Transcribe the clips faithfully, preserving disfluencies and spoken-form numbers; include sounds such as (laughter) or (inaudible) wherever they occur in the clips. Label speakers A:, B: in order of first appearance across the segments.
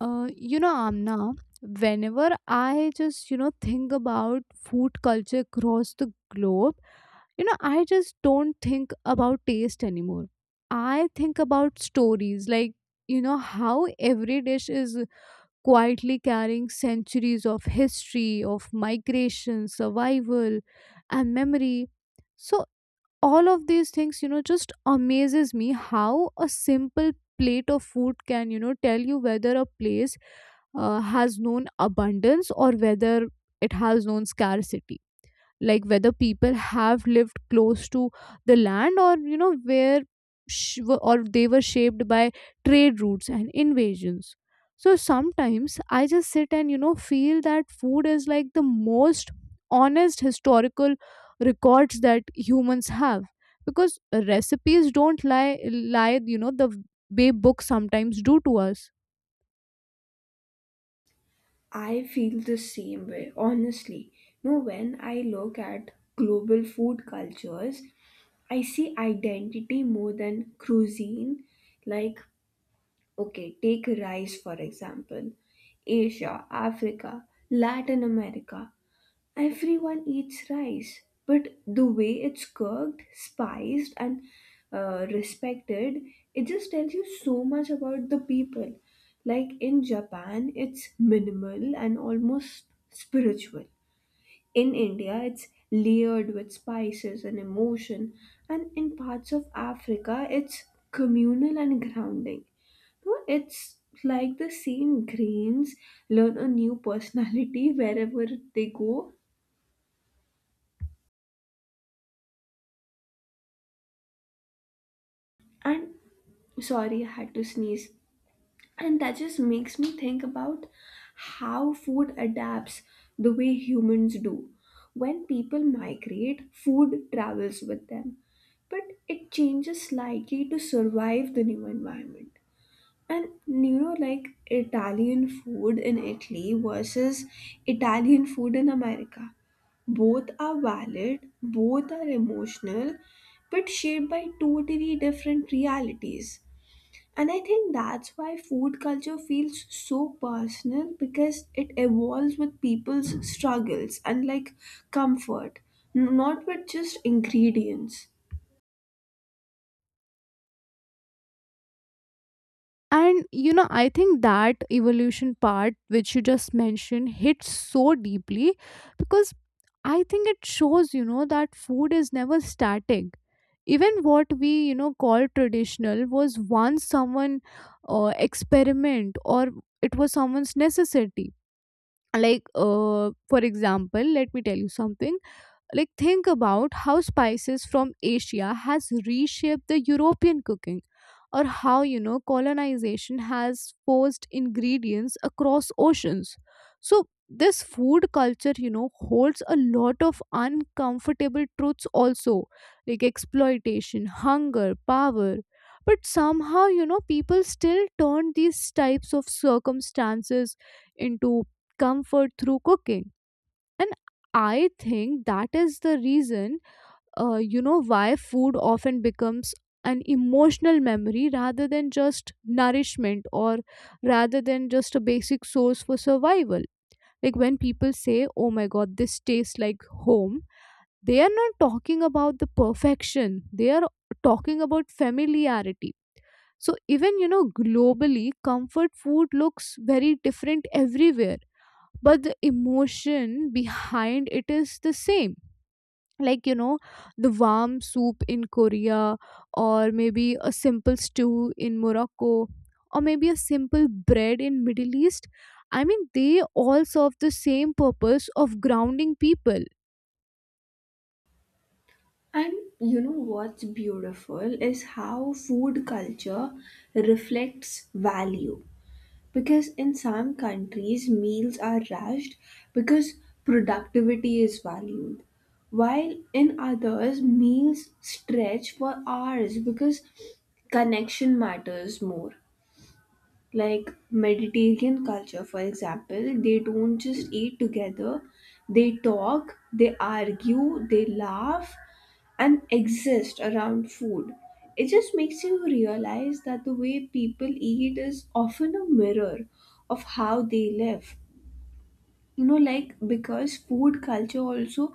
A: Uh, you know, Amna, whenever I just, you know, think about food culture across the globe. you know, I just don't think about taste anymore. I think about stories, like, you know, how every dish is quietly carrying centuries of history, of migration, survival, and memory. So all of these things, you know just amazes me how a simple plate of food can, you know tell you whether a place uh, has known abundance, or whether it has known scarcity, like whether people have lived close to the land, or, you know where sh- were- or they were shaped by trade routes and invasions. So sometimes I just sit and, you know feel that food is like the most honest historical records that humans have, because recipes don't lie lie you know the way books sometimes do to us.
B: I feel the same way, honestly. No, when I look at global food cultures, I see identity more than cuisine. Like, okay, take rice for example. Asia, Africa, Latin America. Everyone eats rice, but the way it's cooked, spiced, and uh, respected, it just tells you so much about the people. Like in Japan, it's minimal and almost spiritual. In India, it's layered with spices and emotion, and in parts of Africa, it's communal and grounding. No, it's like the same grains learn a new personality (laughs) wherever they go and sorry I had to sneeze, and that just makes me think about how food adapts the way humans do. When people migrate, food travels with them, but it changes slightly to survive the new environment. And you know, like, Italian food in Italy versus Italian food in America, both are valid, both are emotional, but shaped by totally different realities. And I think that's why food culture feels so personal, because it evolves with people's struggles and, like, comfort, n- not with just ingredients.
A: And, you know, I think that evolution part, which you just mentioned, hits so deeply, because I think it shows, you know, that food is never static. Even what we, you know, call traditional was once someone uh, experiment, or it was someone's necessity. Like, uh, for example, let me tell you something, like think about how spices from Asia has reshaped the European cooking, or how, you know colonization has forced ingredients across oceans. So this food culture, you know holds a lot of uncomfortable truths also, like exploitation, hunger, power, but somehow, you know people still turn these types of circumstances into comfort through cooking. And I think that is the reason, uh, you know, why food often becomes an emotional memory, rather than just nourishment, or rather than just a basic source for survival. Like when people say, "Oh my god, this tastes like home," they are not talking about the perfection, they are talking about familiarity. So, even, you know, globally, comfort food looks very different everywhere, but the emotion behind it is the same, like, you know the warm soup in Korea, or maybe a simple stew in Morocco, or maybe a simple bread in Middle East. I mean, they all serve the same purpose of grounding people.
B: And you know what's beautiful is how food culture reflects value. Because in some countries, meals are rushed because productivity is valued, while in others, meals stretch for hours because connection matters more. Like Mediterranean culture, for example, they don't just eat together, they talk, they argue, they laugh, and exist around food. It just makes you realize that the way people eat is often a mirror of how they live. You know, like, because food culture also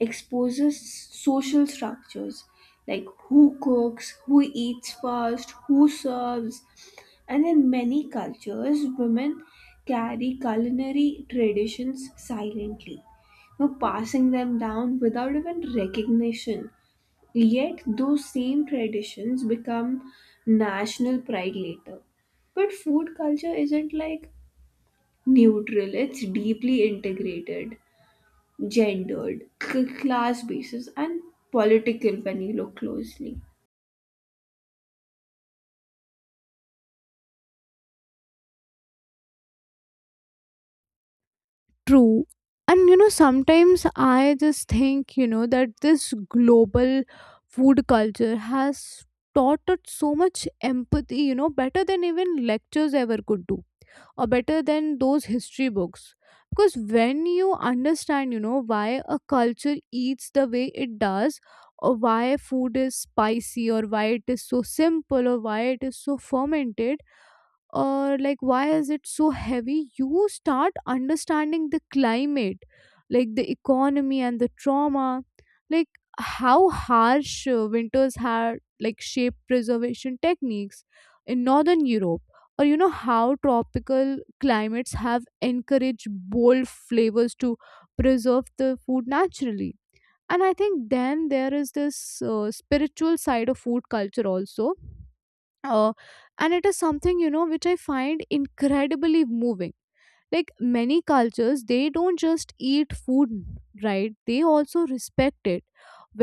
B: exposes social structures, like who cooks, who eats first, who serves. And in many cultures, women carry culinary traditions silently, you know, passing them down without even recognition. Yet those same traditions become national pride later. But food culture isn't, like, neutral, it's deeply integrated, gendered, c- class basis, and political when you look closely.
A: True. And, you know sometimes I just think, you know that this global food culture has taught us so much empathy, you know better than even lectures ever could do, or better than those history books. Because when you understand, you know why a culture eats the way it does, or why food is spicy, or why it is so simple, or why it is so fermented, or like why is it so heavy, you start understanding the climate, like the economy and the trauma, like how harsh uh, winters had like shaped preservation techniques in Northern Europe, or, you know how tropical climates have encouraged bold flavors to preserve the food naturally. And I think then there is this uh, spiritual side of food culture also, uh, and it is something, you know which I find incredibly moving. Like many cultures, they don't just eat food, right, they also respect it,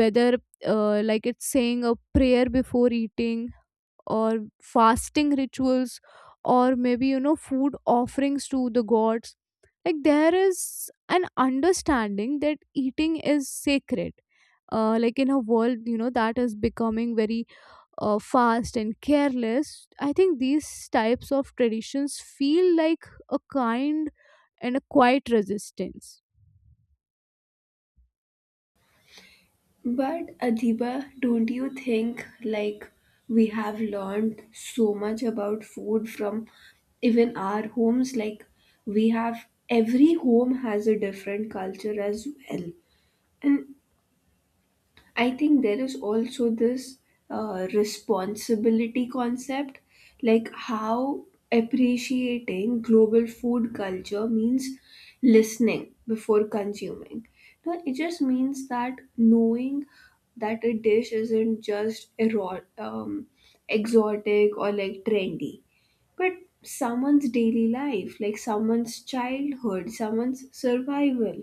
A: whether, uh, like it's saying a prayer before eating, or fasting rituals, or maybe, you know food offerings to the gods. Like there is an understanding that eating is sacred. Uh, like in a world, you know that is becoming very uh, fast and careless, I think these types of traditions feel like a kind and a quiet resistance.
B: But Adiba, don't you think, like, we have learned so much about food from even our homes? Like, we have, every home has a different culture as well. And I think there is also this uh, responsibility concept, like how appreciating global food culture means listening before consuming. No, it just means that knowing that a dish isn't just ero- um, exotic or, like, trendy, but someone's daily life, like someone's childhood, someone's survival.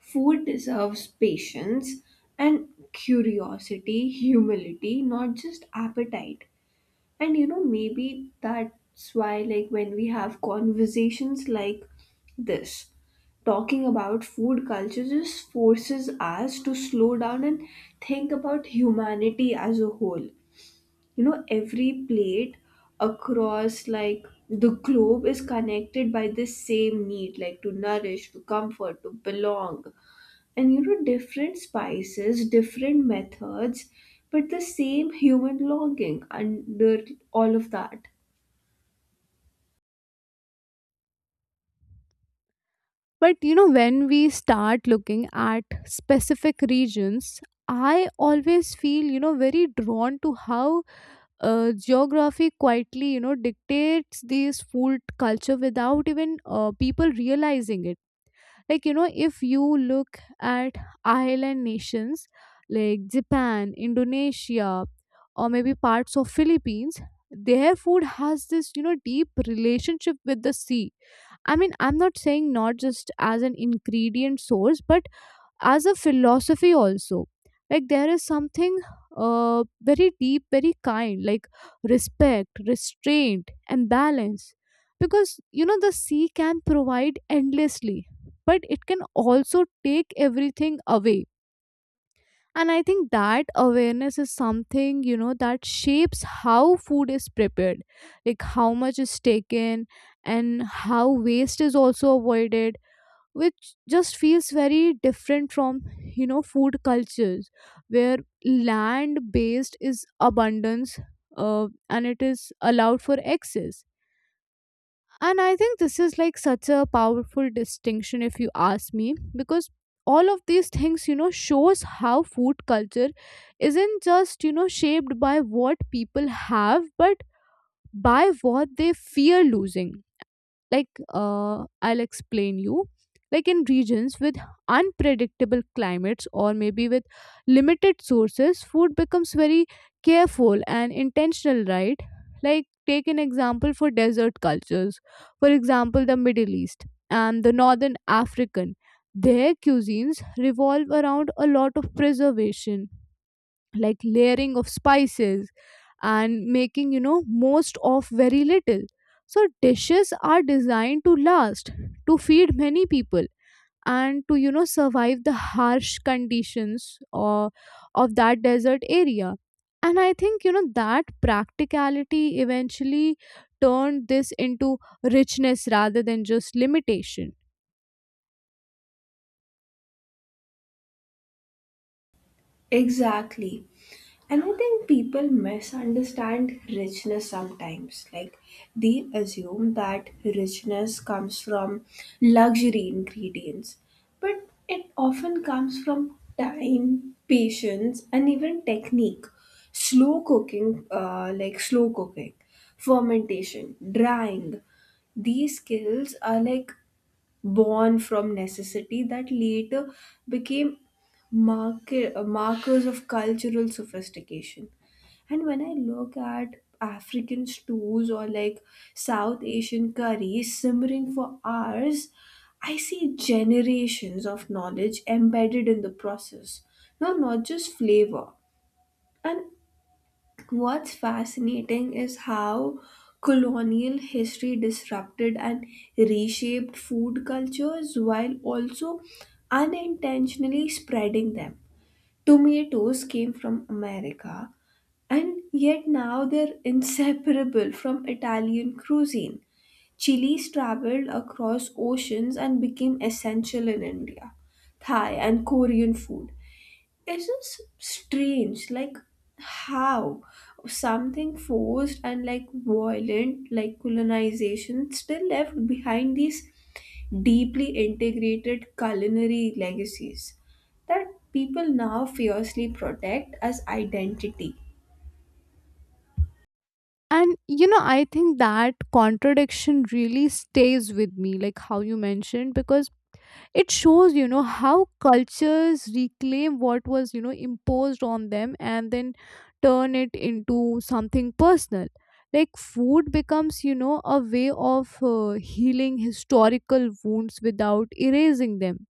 B: Food deserves patience and curiosity, humility, not just appetite. And you know, maybe that's why, like, when we have conversations like this, talking about food culture just forces us to slow down and think about humanity as a whole. You know, every plate across, like, the globe is connected by this same need, like, to nourish, to comfort, to belong. And you know, different spices, different methods, but the same human longing under all of that.
A: But, you know when we start looking at specific regions, I always feel, you know very drawn to how uh, geography quietly, you know dictates this food culture without even, uh, people realizing it. Like, you know if you look at island nations like Japan, Indonesia, or maybe parts of Philippines, their food has this, you know deep relationship with the sea. I mean, I'm not saying not just as an ingredient source, but as a philosophy also. Like there is something, uh, very deep, very kind, like respect, restraint, and balance, because, you know the sea can provide endlessly, but it can also take everything away. And I think that awareness is something, you know that shapes how food is prepared, like how much is taken, and how waste is also avoided, which just feels very different from, you know food cultures where land based is abundance, uh, and it is allowed for excess. And I think this is like such a powerful distinction, if you ask me, because all of these things, you know shows how food culture isn't just, you know shaped by what people have, but by what they fear losing. Like, uh, I'll explain you, like in regions with unpredictable climates, or maybe with limited sources, food becomes very careful and intentional, right. Like take an example for desert cultures, for example, the Middle East and the Northern African. Their cuisines revolve around a lot of preservation, like layering of spices, and making, you know most of very little. So dishes are designed to last, to feed many people, and to, you know survive the harsh conditions or of that desert area. And I think, you know that practicality eventually turned this into richness rather than just limitation.
B: Exactly. And I think people misunderstand richness sometimes. Like, they assume that richness comes from luxury ingredients, but it often comes from time, patience, and even technique. Slow cooking, uh, like slow cooking, fermentation, drying, these skills are, like, born from necessity that later became market, markers of cultural sophistication. And when I look at African stews or, like, South Asian curries simmering for hours, I see generations of knowledge embedded in the process, now, not just flavor. And what's fascinating is how colonial history disrupted and reshaped food cultures while also unintentionally spreading them. Tomatoes came from America, and yet now they're (laughs) inseparable from Italian cuisine. Chilies traveled across oceans and became essential in India, Thai, and Korean food. It's just strange, like, how something forced and, like, violent, like colonization, still left behind these deeply integrated culinary legacies that people now fiercely protect as identity.
A: And, you know I think that contradiction really stays with me, like how you mentioned, because it shows, you know how cultures reclaim what was, you know imposed on them and then turn it into something personal. Like food becomes, you know a way of uh, healing historical wounds without erasing them.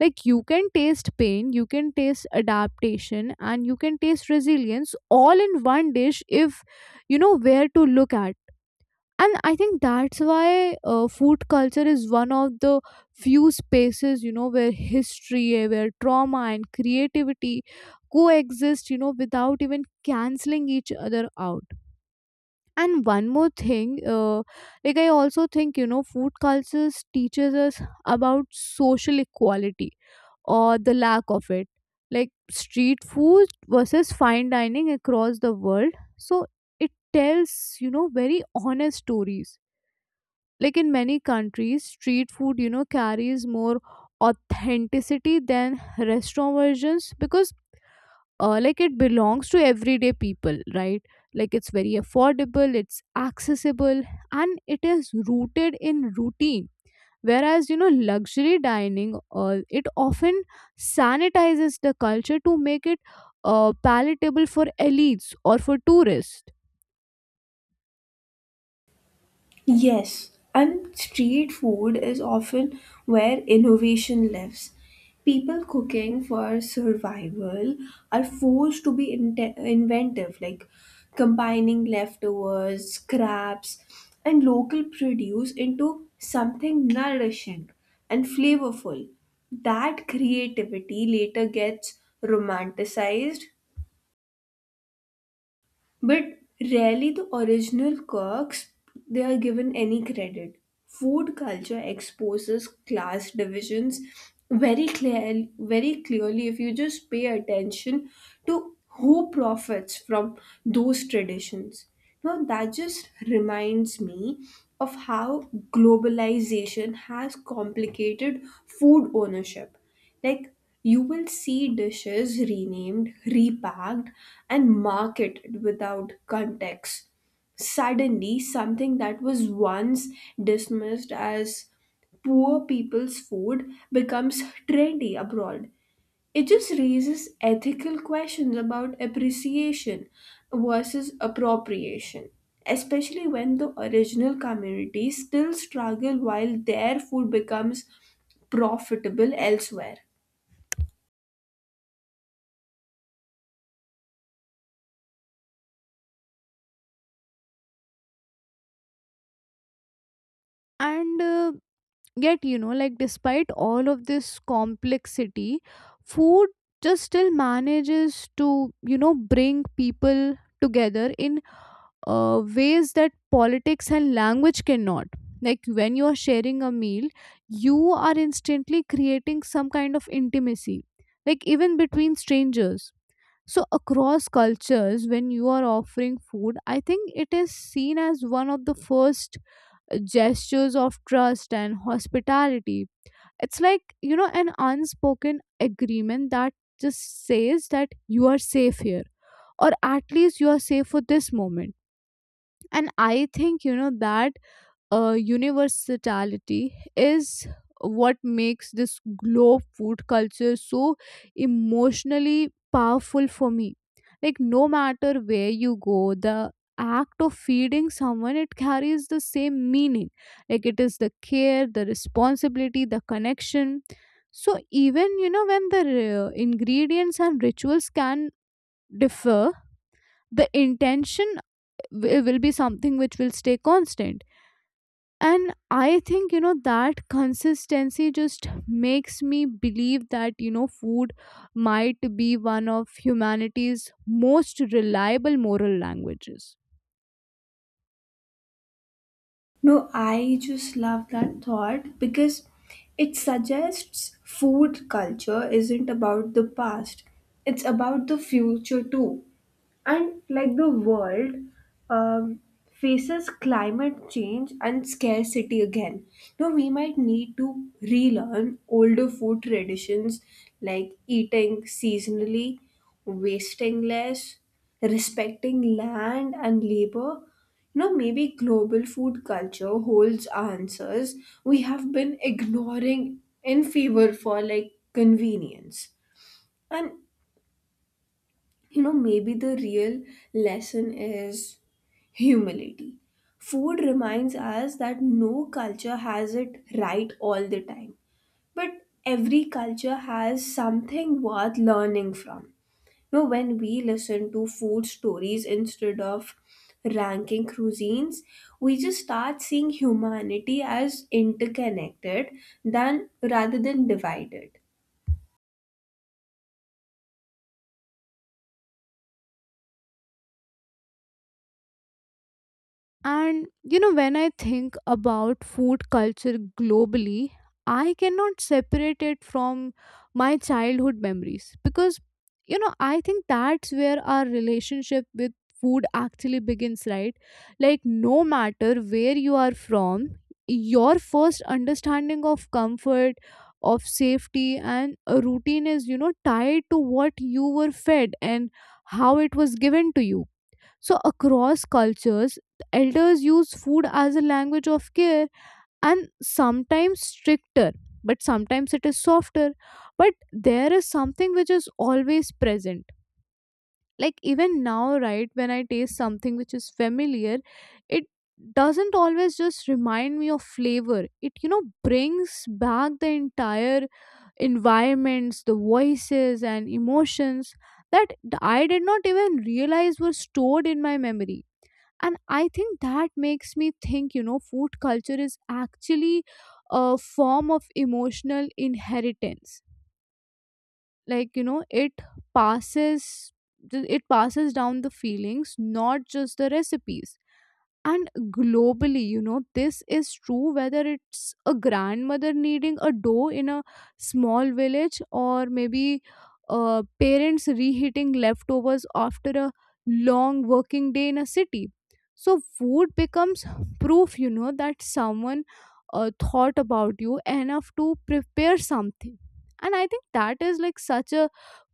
A: Like you can taste pain, you can taste adaptation, and you can taste resilience all in one dish, if you know where to look at. And I think that's why, uh, food culture is one of the few spaces, you know where history, eh, where trauma and creativity coexist, you know without even canceling each other out. And one more thing, uh, like I also think, you know food cultures teaches us about social equality, or the lack of it. Like street food versus fine dining across the world. So it tells, you know very honest stories, like in many countries, street food, you know carries more authenticity than restaurant versions, because, uh, like it belongs to everyday people, right. Like it's very affordable, it's accessible, and it is rooted in routine, whereas, you know luxury dining, uh, it often sanitizes the culture to make it uh, palatable for elites or for tourists.
B: Yes, and street food is often where innovation lives. People cooking for survival are forced to be inte- inventive, like combining leftovers, scraps, and local produce into something nourishing and flavorful. That creativity later gets romanticized, but rarely the original cooks, they are given any credit. Food culture exposes class divisions very clear, very clearly if you just pay attention to who profits from those traditions. Now that just reminds me of how globalization has complicated food ownership. Like, you will see dishes renamed, repacked, and marketed without context. Suddenly, something that was once dismissed as poor people's food becomes trendy abroad. It just raises ethical questions about appreciation versus appropriation, especially when the original communities still struggle while their food becomes profitable elsewhere.
A: And, uh, yet, you know like despite all of this complexity, food just still manages to, you know bring people together in uh, ways that politics and language cannot, like when you are sharing a meal, you are instantly creating some kind of intimacy, like even between strangers. So across cultures, when you are offering food, I think it is seen as one of the first gestures of trust and hospitality. It's like, you know, an unspoken agreement that just says that you are safe here, or at least you are safe for this moment. And I think, you know, that uh, universality is what makes this globe food culture so emotionally powerful for me, like no matter where you go, the act of feeding someone, it carries the same meaning, like it is the care, the responsibility, the connection. So even, you know when the uh, ingredients and rituals can differ, the intention wi- will be something which will stay constant. And I think, you know that consistency just makes me believe that, you know food might be one of humanity's most reliable moral languages.
B: No, I just love that thought because it suggests food culture isn't about the past, it's about the future too. And like the world um, faces climate change and scarcity again. Now, we might need to relearn older food traditions like eating seasonally, wasting less, respecting land and labor. No, maybe global food culture holds answers we have been ignoring in favor for, like, convenience. And you know, maybe the real lesson is humility. Food reminds us that no culture has it right all the time, but every culture has something worth learning from. You know, when we listen to food stories instead of ranking cuisines, we just start seeing humanity as interconnected than rather than divided.
A: And, you know, when I think about food culture globally, I cannot separate it from my childhood memories, because, you know, I think that's where our relationship with food actually begins, right? Like, no matter where you are from, your first understanding of comfort, of safety, and a routine is, you know tied to what you were fed and how it was given to you. So, across cultures, elders use food as a language of care, and sometimes stricter, but sometimes it is softer. But there is something which is always present. Like, even now, right, when I taste something which is familiar, it doesn't always just remind me of flavor. It, you know, brings back the entire environments, the voices, and emotions that I did not even realize were stored in my memory. And I think that makes me think, you know food culture is actually a form of emotional inheritance, like, you know it passes it passes down the feelings, not just the recipes. And globally, you know, this is true, whether it's a grandmother kneading a dough in a small village, or maybe, uh, parents reheating leftovers after a long working day in a city. So, food becomes proof, you know, that someone uh, thought about you enough to prepare something. And I think that is like such a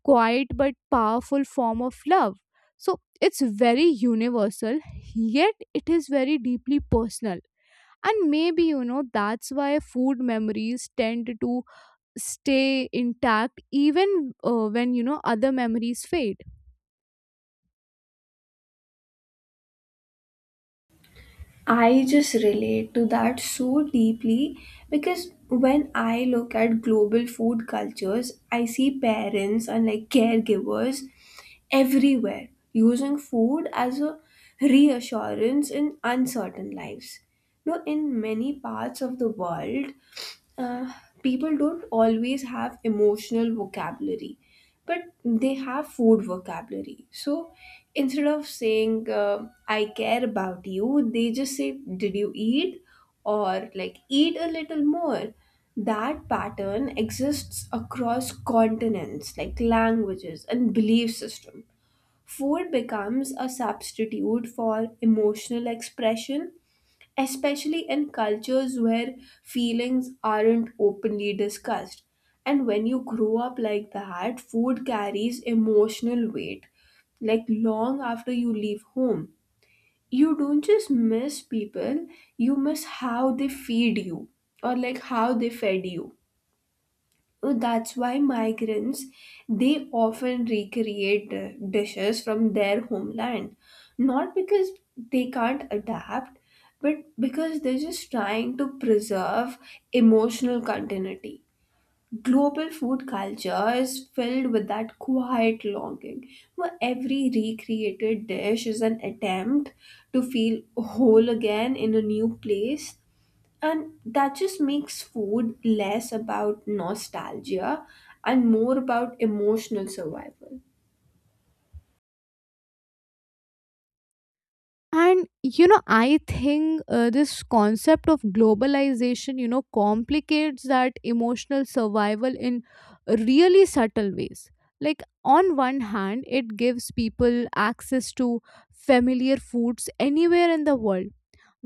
A: quiet but powerful form of love. So, it's very universal, yet it is very deeply personal. And maybe, you know, that's why food memories tend to stay intact even uh, when, you know, other memories fade.
B: I just relate to that so deeply because when I look at global food cultures, I see parents and, like, caregivers everywhere using food as a reassurance in uncertain lives. Now, in many parts of the world, uh, people don't always have emotional vocabulary, but they have food vocabulary. So instead of saying uh, "I care about you," they just say "Did you eat?" or, like, "Eat a little more." That pattern exists across continents, like languages and belief system. Food becomes a substitute for emotional expression, especially in cultures where feelings aren't openly discussed. And when you grow up like that, food carries emotional weight. Like, long after you leave home, you don't just miss people, you miss how they feed you, or, like, how they fed you. Oh, that's why migrants, they often recreate uh, dishes from their homeland, not because they can't adapt, but because they're just trying to preserve emotional continuity. Global food culture is filled with that quiet longing, where every recreated dish is an attempt to feel whole again in a new place, and that just makes food less about nostalgia and more about emotional survival.
A: And you know, I think uh, this concept of globalization, you know, complicates that emotional survival in really subtle ways. Like, on one hand, it gives people access to familiar foods anywhere in the world,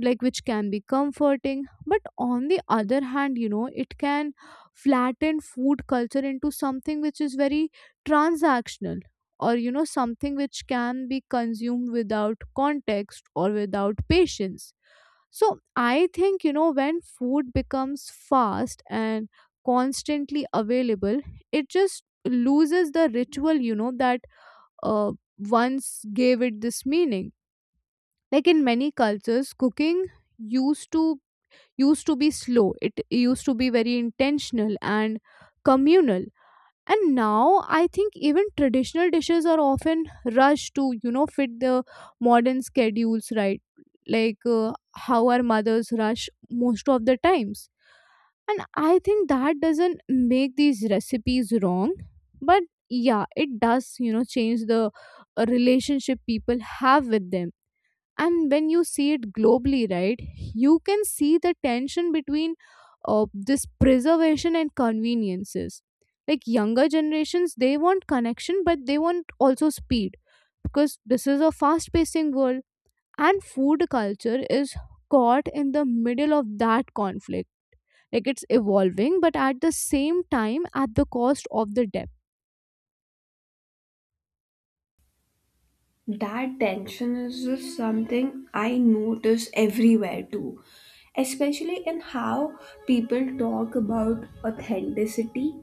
A: like which can be comforting, but on the other hand, you know it can flatten food culture into something which is very transactional, or you know something which can be consumed without context or without patience. So I think, you know when food becomes fast and constantly available, it just loses the ritual, you know that uh, once gave it this meaning. Like in many cultures, cooking used to used to be slow, it used to be very intentional and communal. And now I think even traditional dishes are often rushed to, you know fit the modern schedules, right? Like, uh, how our mothers rush most of the times. And I think that doesn't make these recipes wrong, but yeah, it does, you know change the uh, relationship people have with them. And when you see it globally, right, you can see the tension between, uh, this preservation and conveniences. Like younger generations, they want connection, but they want also speed, because this is a fast pacing world, and food culture is caught in the middle of that conflict. Like it's evolving, but at the same time at the cost of the depth.
B: That tension is just something I notice everywhere too, especially in how people talk about authenticity.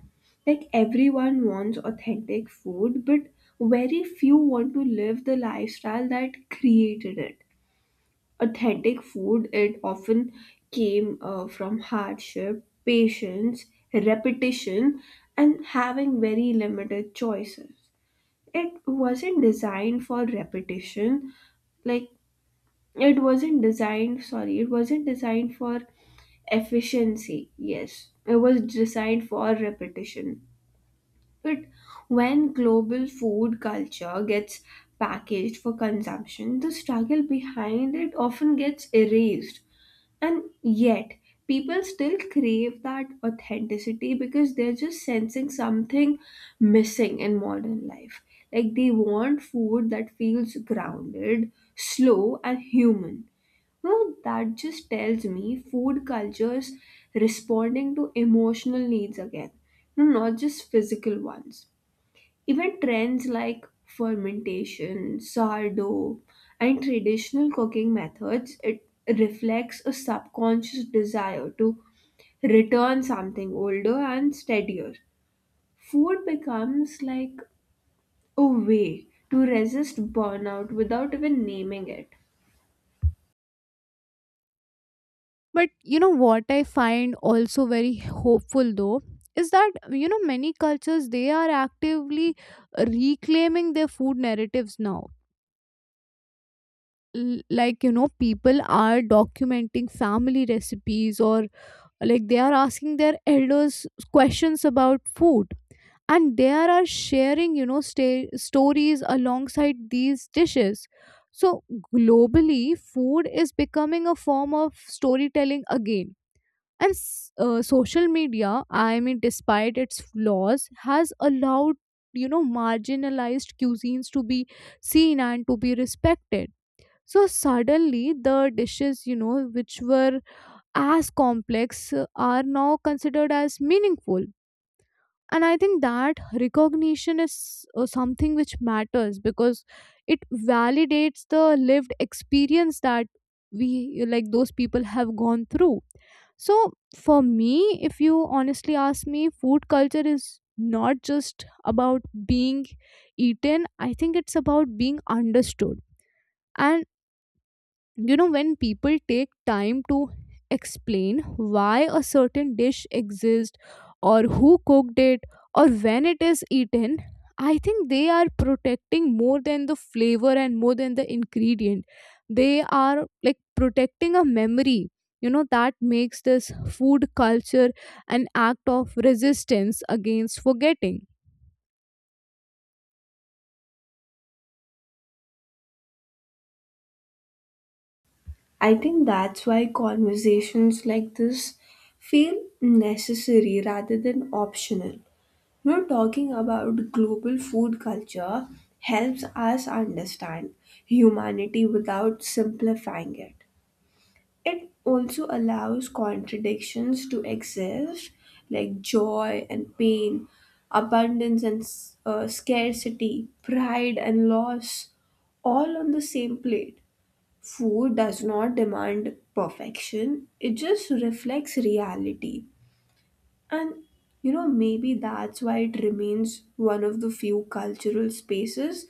B: Like, everyone wants authentic food, but very few want to live the lifestyle that created it. Authentic food, it often came uh, from hardship, patience, repetition, and having very limited choices. It wasn't designed for repetition, like, it wasn't designed, sorry, it wasn't designed for efficiency. Yes, it was designed for repetition. But when global food culture gets packaged for consumption, the struggle behind it often gets erased, and yet, people still crave that authenticity because they're just sensing something missing in modern life. Like, they want food that feels grounded, slow, and human. No, that just tells me food cultures responding to emotional needs again, no, not just physical ones. Even trends like fermentation, sourdough, and traditional cooking methods, it reflects a subconscious desire to return something older and steadier. Food becomes like a way to resist burnout without even naming it.
A: But you know what, I find also very hopeful though, is that, you know many cultures, they are actively reclaiming their food narratives now. L- Like, you know, people are documenting family recipes, or like they are asking their elders questions about food, and they are sharing, you know sta- stories alongside these dishes. So globally, food is becoming a form of storytelling again. And s- uh, social media, I mean, despite its flaws, has allowed, you know, marginalized cuisines to be seen and to be respected. So suddenly, the dishes, you know, which were as complex uh, are now considered as meaningful. And I think that recognition is uh, something which matters, because it validates the lived experience that we, like, those people have gone through. So, for me, if you honestly ask me, food culture is not just about being eaten, I think it's about being understood. And you know when people take time to explain why a certain dish exists, or who cooked it, or when it is eaten, I think they are protecting more than the flavor and more than the ingredient. They are like protecting a memory, you know that makes this food culture an act of resistance against forgetting.
B: I think that's why conversations like this feel necessary rather than optional. Now, talking about global food culture helps us understand humanity without simplifying it. It also allows contradictions to exist, like joy and pain, abundance and s- uh, scarcity, pride and loss, all on the same plate. Food does not demand perfection, it just reflects reality. And you know, maybe that's why it remains one of the few cultural spaces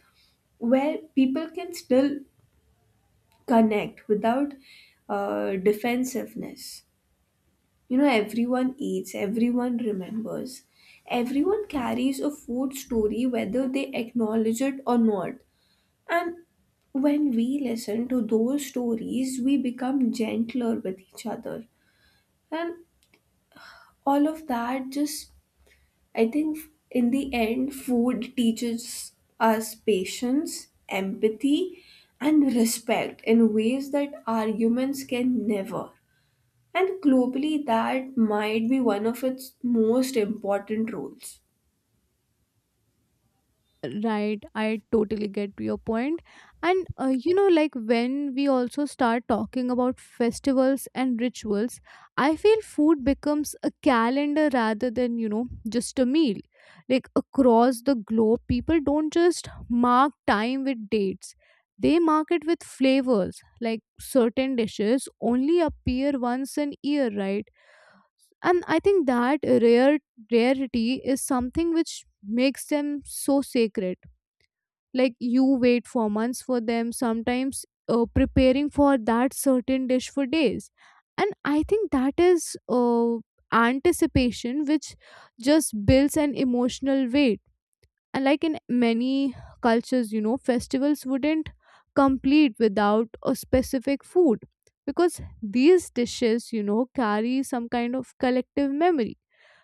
B: where people can still connect without uh, defensiveness. You know, everyone eats, everyone remembers, everyone carries a food story whether they acknowledge it or not. And when we listen to those stories, we become gentler with each other. And all of that just, I think, in the end, food teaches us patience, empathy, and respect in ways that arguments can never. And globally, that might be one of its most important roles.
A: Right, I totally get your point. And uh, you know, like when we also start talking about festivals and rituals, I feel food becomes a calendar rather than, you know, just a meal. Like across the globe, people don't just mark time with dates, they mark it with flavors. Like certain dishes only appear once an year, right? And I think that rare rarity is something which makes them so sacred. Like you wait for months for them, sometimes uh, preparing for that certain dish for days. And I think that is, uh, anticipation which just builds an emotional weight. And like in many cultures, you know festivals wouldn't complete without a specific food, because these dishes, you know carry some kind of collective memory.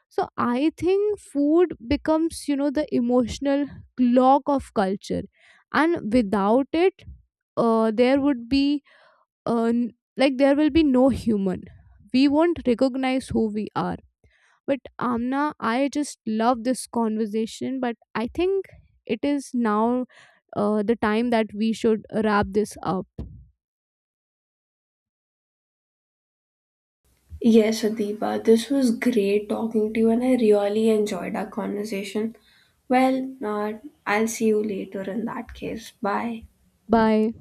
A: So I think food becomes, you know, the emotional clock of culture, and without it, uh, there would be uh, n- like there will be no human. We won't recognize who we are. But Amna, I just love this conversation. But I think it is now uh, the time that we should wrap this up.
B: Yes, Adiba, this was great talking to you, and I really enjoyed our conversation. Well, uh, I'll see you later in that case. Bye.
A: Bye.